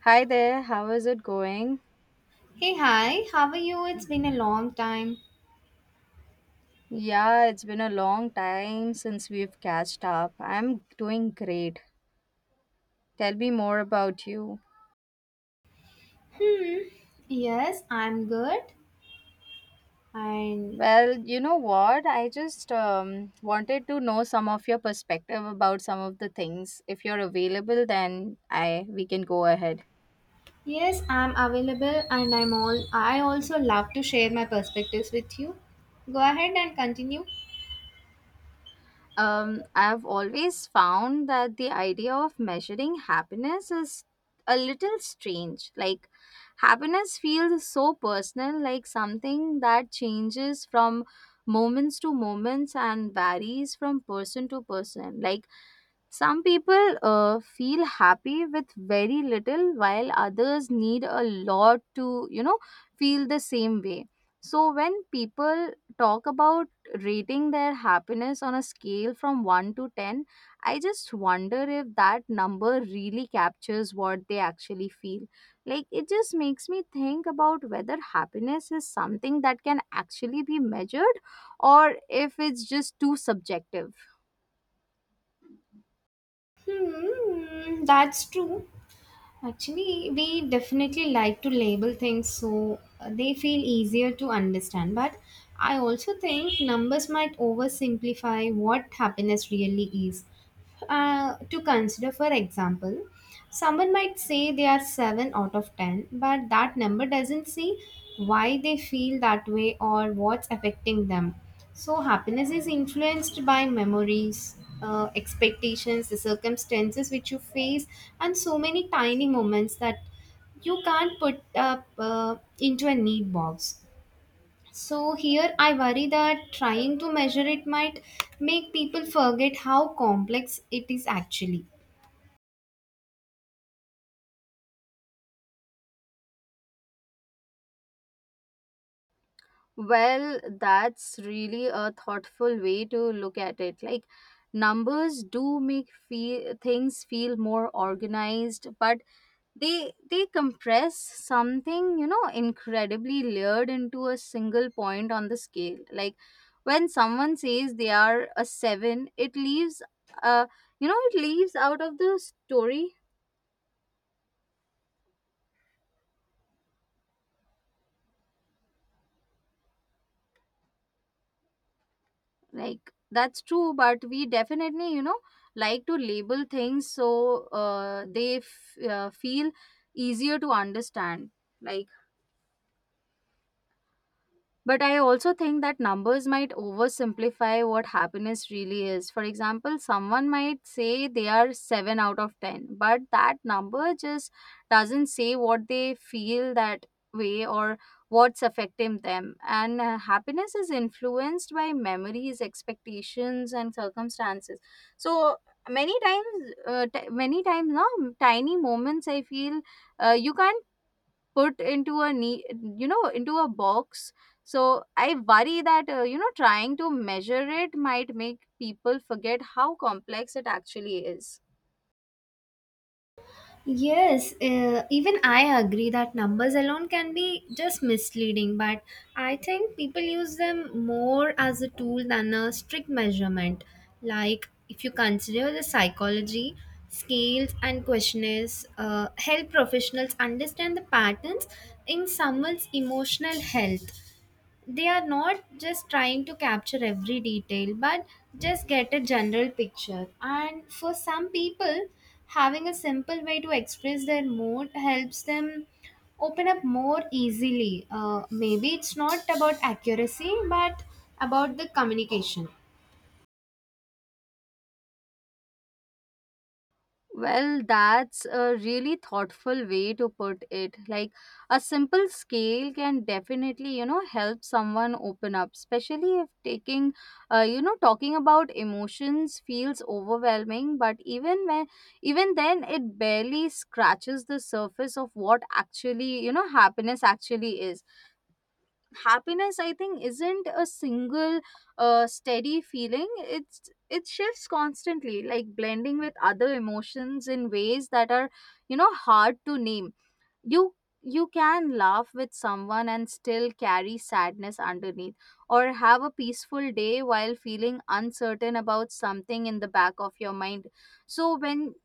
Hi there, how is it going? Hey, hi, how are you? It's been a long time. Yeah, it's been a long time since we've catched up. I'm doing great. Tell me more about you. Hmm, yes, I'm good. And Well, you know what? I just wanted to know some of your perspective about some of the things. If you're available, then I we can go ahead. yes, I'm available and I also love to share my perspectives with you. Go ahead and continue. I've always found that the idea of measuring happiness is a little strange. Like, happiness feels so personal, like something that changes from moments to moments and varies from person to person. Like, some people feel happy with very little, while others need a lot to feel the same way. So, when people talk about rating their happiness on a scale from 1 to 10. I just wonder if that number really captures what they actually feel. Like, it just makes me think about whether happiness is something that can actually be measured or if it's just too subjective. Hmm, that's true. Actually, we definitely like to label things so they feel easier to understand. But I also think numbers might oversimplify what happiness really is. To consider, for example, someone might say they are 7 out of 10, but that number doesn't see why they feel that way or what's affecting them. So, happiness is influenced by memories, expectations, the circumstances which you face, and so many tiny moments that you can't put up into a neat box. So, here I worry that trying to measure it might make people forget how complex it is actually. Well, that's really a thoughtful way to look at it. Like numbers do make feel, things feel more organized, but they compress something, incredibly layered into a single point on the scale. Like when someone says they are a 7, uh it leaves out of the story, like that's true, but we definitely like to label things, so they feel easier to understand, like, but I also think that numbers might oversimplify what happiness really is. For example, someone might say they are 7 out of 10, but that number just doesn't say what they feel that way or what's affecting them. And happiness is influenced by memories, expectations, and circumstances. So, many times now tiny moments, I feel, you can't put into a ne, you know into a box. So I worry that trying to measure it might make people forget how complex it actually is. Yes, even I agree that numbers alone can be just misleading, but I think people use them more as a tool than a strict measurement. Like, if you consider the psychology, scales and questionnaires help professionals understand the patterns in someone's emotional health. They are not just trying to capture every detail, but just get a general picture, and for some people, having a simple way to express their mood helps them open up more easily. Maybe it's not about accuracy but about the communication. Well, that's a really thoughtful way to put it. Like a simple scale can definitely, help someone open up, especially if talking about emotions feels overwhelming. But even then, it barely scratches the surface of what actually, happiness actually is. Happiness, I think, isn't a single steady feeling. It shifts constantly, like blending with other emotions in ways that are hard to name. You you can laugh with someone and still carry sadness underneath, or have a peaceful day while feeling uncertain about something in the back of your mind. So, when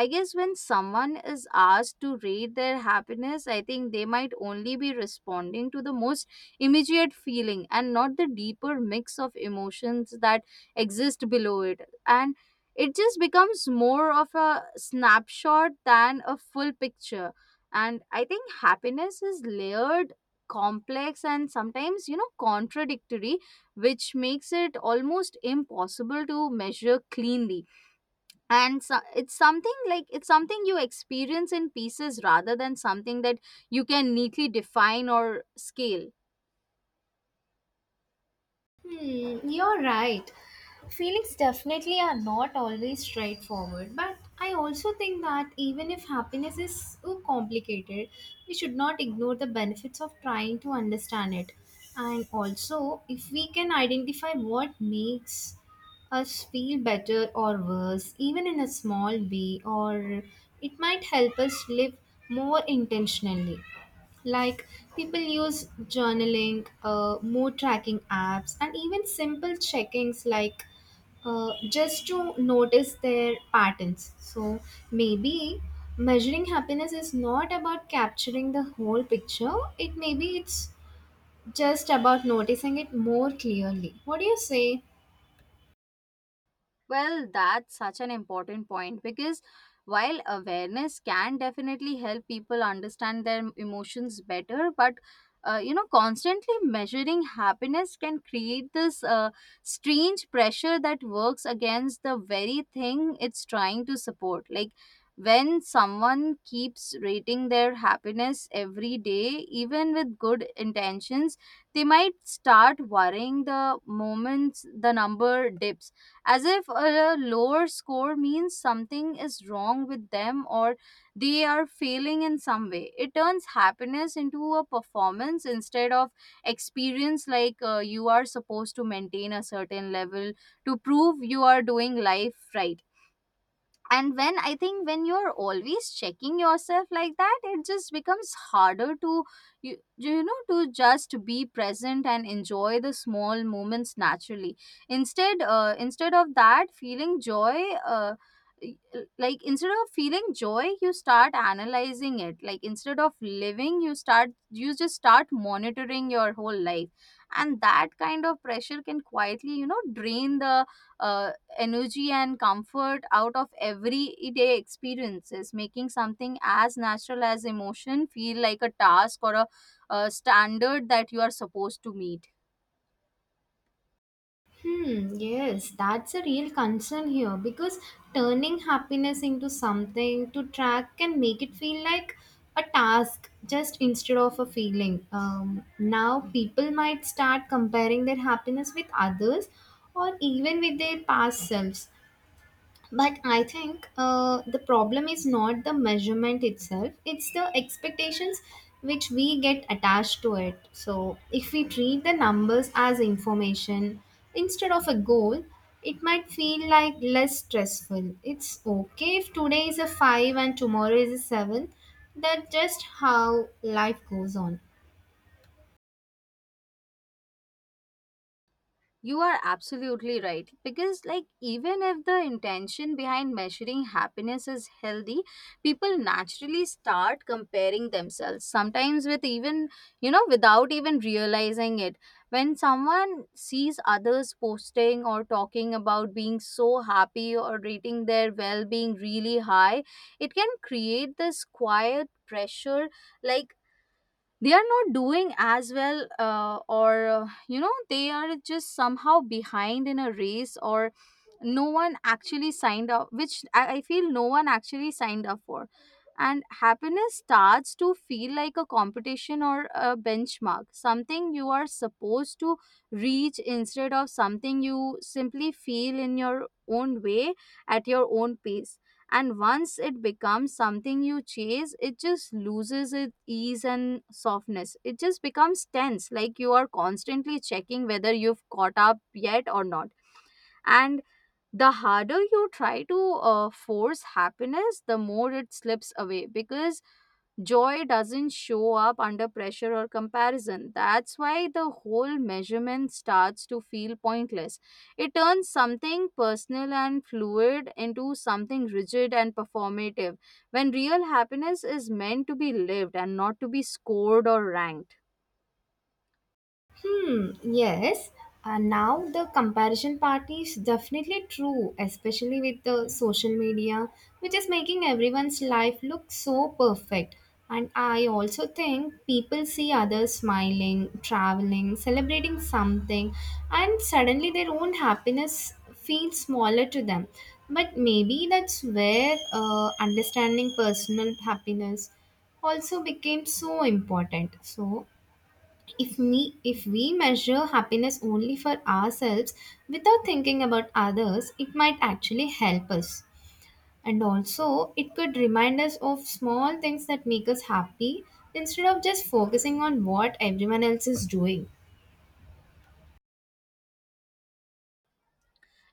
I guess when someone is asked to rate their happiness, I think they might only be responding to the most immediate feeling and not the deeper mix of emotions that exist below it. And it just becomes more of a snapshot than a full picture. And I think happiness is layered, complex, and sometimes, you know, contradictory, which makes it almost impossible to measure cleanly. And so, it's something you experience in pieces rather than something that you can neatly define or scale. Hmm, you're right. Feelings definitely are not always straightforward, but I also think that even if happiness is too complicated, we should not ignore the benefits of trying to understand it. And also, if we can identify what makes us feel better or worse, even in a small way, or it might help us live more intentionally. Like, people use journaling, mood tracking apps, and even simple check-ins like just to notice their patterns. So maybe measuring happiness is not about capturing the whole picture. It maybe it's just about noticing it more clearly. What do you say? Well, that's such an important point, because while awareness can definitely help people understand their emotions better, but constantly measuring happiness can create this strange pressure that works against the very thing it's trying to support. Like when someone keeps rating their happiness every day, even with good intentions, they might start worrying the moments the number dips, as if a lower score means something is wrong with them or they are failing in some way. It turns happiness into a performance instead of experience, like you are supposed to maintain a certain level to prove you are doing life right. And when I think when you're always checking yourself like that, it just becomes harder to you, you know to just be present and enjoy the small moments naturally. Instead instead of that feeling joy uh, y- instead of feeling joy, you start analyzing it, like instead of living, you just start monitoring your whole life. And that kind of pressure can quietly, you know, drain the uh, energy and comfort out of everyday experiences, making something as natural as emotion feel like a task, or a standard that you are supposed to meet. Hmm, yes, that's a real concern here because turning happiness into something to track can make it feel like a task just instead of a feeling. Now, people might start comparing their happiness with others or even with their past selves, but I think the problem is not the measurement itself, it's the expectations which we get attached to it. So if we treat the numbers as information instead of a goal, it might feel like less stressful. It's okay if today is a 5 and tomorrow is a 7. That's just how life goes on. You are absolutely right. Because, like, even if the intention behind measuring happiness is healthy, people naturally start comparing themselves, sometimes without even realizing it. When someone sees others posting or talking about being so happy or rating their well being really high, it can create this quiet pressure, like they are not doing as well, or they are just somehow behind in a race or no one actually signed up, which I feel no one actually signed up for. And happiness starts to feel like a competition or a benchmark, something you are supposed to reach instead of something you simply feel in your own way, at your own pace. And once it becomes something you chase, it just loses its ease and softness. It just becomes tense, like you are constantly checking whether you've caught up yet or not. And the harder you try to force happiness, the more it slips away, because joy doesn't show up under pressure or comparison. That's why the whole measurement starts to feel pointless. It turns something personal and fluid into something rigid and performative, when real happiness is meant to be lived and not to be scored or ranked. Hmm, yes. Now the comparison part is definitely true, especially with the social media, which is making everyone's life look so perfect. And I also think people see others smiling, traveling, celebrating something, and suddenly their own happiness feels smaller to them. But maybe that's where understanding personal happiness also became so important. So if we measure happiness only for ourselves without thinking about others, it might actually help us. And also it could remind us of small things that make us happy instead of just focusing on what everyone else is doing.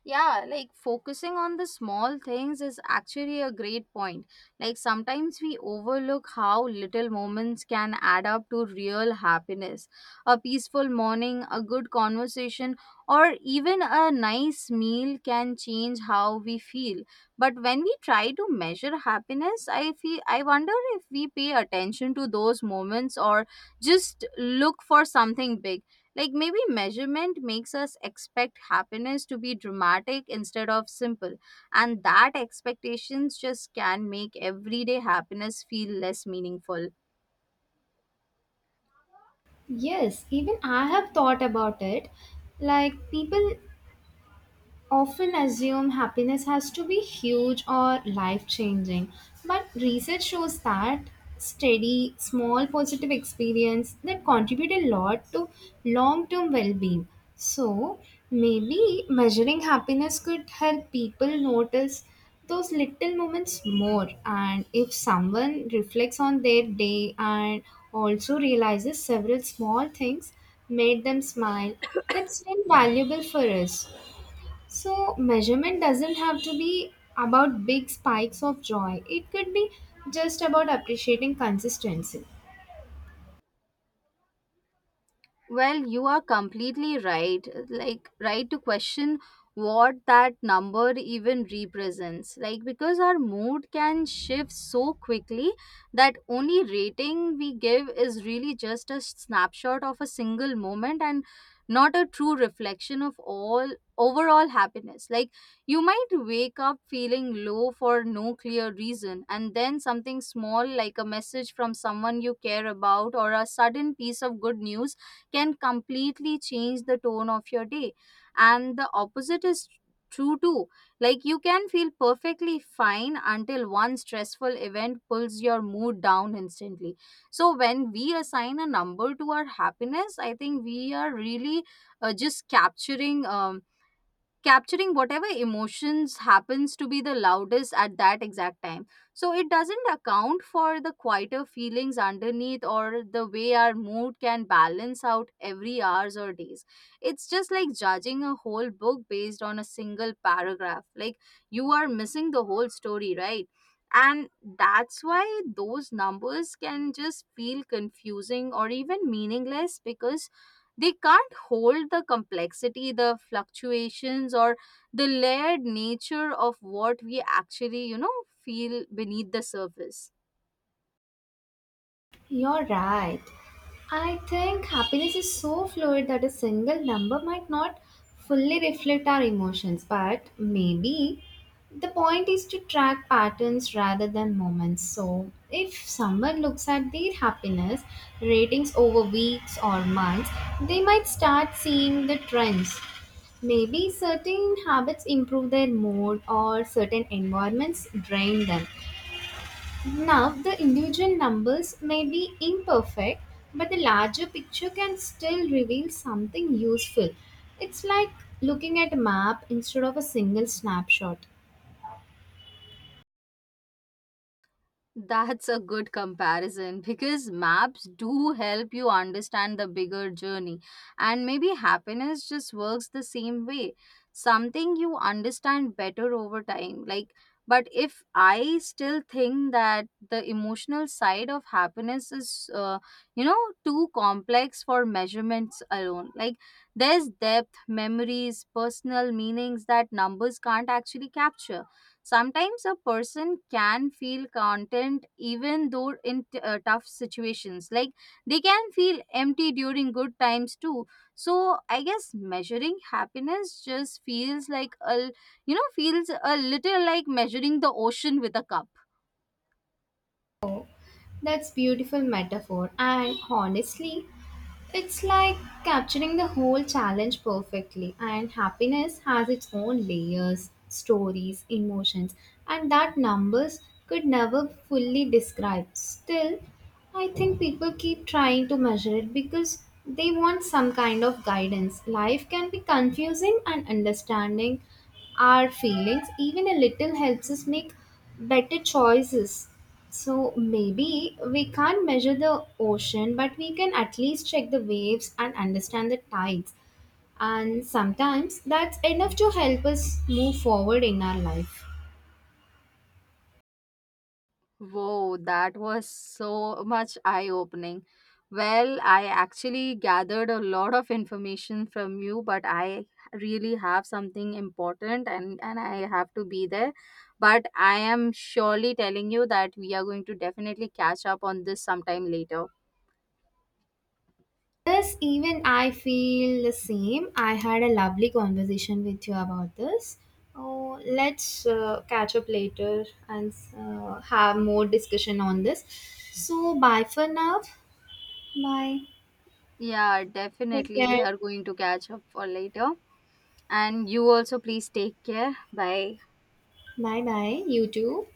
Yeah, like focusing on the small things is actually a great point. Like sometimes we overlook how little moments can add up to real happiness. A peaceful morning, a good conversation, or even a nice meal can change how we feel. But when we try to measure happiness, I feel I wonder if we pay attention to those moments or just look for something big. Like maybe measurement makes us expect happiness to be dramatic instead of simple, and that expectations just can make everyday happiness feel less meaningful. Yes, even I have thought about it. Like, people often assume happiness has to be huge or life changing, but research shows that steady, small positive experience that contribute a lot to long term well being. So, maybe measuring happiness could help people notice those little moments more, and if someone reflects on their day and also realizes several small things made them smile, that's still valuable for us. So, measurement doesn't have to be about big spikes of joy, it could be just about appreciating consistency. Well, you are completely right. Like, right to question what that number even represents. Like, because our mood can shift so quickly that only rating we give is really just a snapshot of a single moment and not a true reflection of all overall happiness. Like, you might wake up feeling low for no clear reason, and then something small like a message from someone you care about or a sudden piece of good news can completely change the tone of your day. And the opposite is true too. Like you can feel perfectly fine until one stressful event pulls your mood down instantly. So when we assign a number to our happiness, I think we are really just capturing whatever emotions happens to be the loudest at that exact time. So it doesn't account for the quieter feelings underneath or the way our mood can balance out every hours or days. It's just like judging a whole book based on a single paragraph. Like you are missing the whole story, right? And that's why those numbers can just feel confusing or even meaningless, because they can't hold the complexity, the fluctuations, or the layered nature of what we actually, you know, feel beneath the surface. You're right. I think happiness is so fluid that a single number might not fully reflect our emotions, but maybe the point is to track patterns rather than moments. So, if someone looks at their happiness ratings over weeks or months, they might start seeing the trends. Maybe certain habits improve their mood or certain environments drain them. Now, the individual numbers may be imperfect, but the larger picture can still reveal something useful. It's like looking at a map instead of a single snapshot. That's a good comparison because maps do help you understand the bigger journey. And maybe happiness just works the same way. Something you understand better over time. Like, but if I still think that the emotional side of happiness is, too complex for measurements alone. Like, there's depth, memories, personal meanings that numbers can't actually capture. Sometimes a person can feel content even though in tough situations. Like they can feel empty during good times too. So I guess measuring happiness just feels like a you know feels a little like measuring the ocean with a cup. That's beautiful metaphor, and honestly it's like capturing the whole challenge perfectly, and happiness has its own layers, stories, emotions, and that numbers could never fully describe. Still, I think people keep trying to measure it because they want some kind of guidance. Life can be confusing, and understanding our feelings even a little helps us make better choices. So maybe we can't measure the ocean, but we can at least check the waves and understand the tides, and sometimes that's enough to help us move forward in our life. Whoa, that was so much eye opening. Well, I actually gathered a lot of information from you, but I really have something important, and I have to be there. But I am surely telling you that we are going to definitely catch up on this sometime later. Yes, even I feel the same. I had a lovely conversation with you about this. Oh, let's catch up later and have more discussion on this. So bye for now. Bye. Yeah, Take definitely care. we are going to catch up for later. And you also please take care. Bye. Bye bye. You too.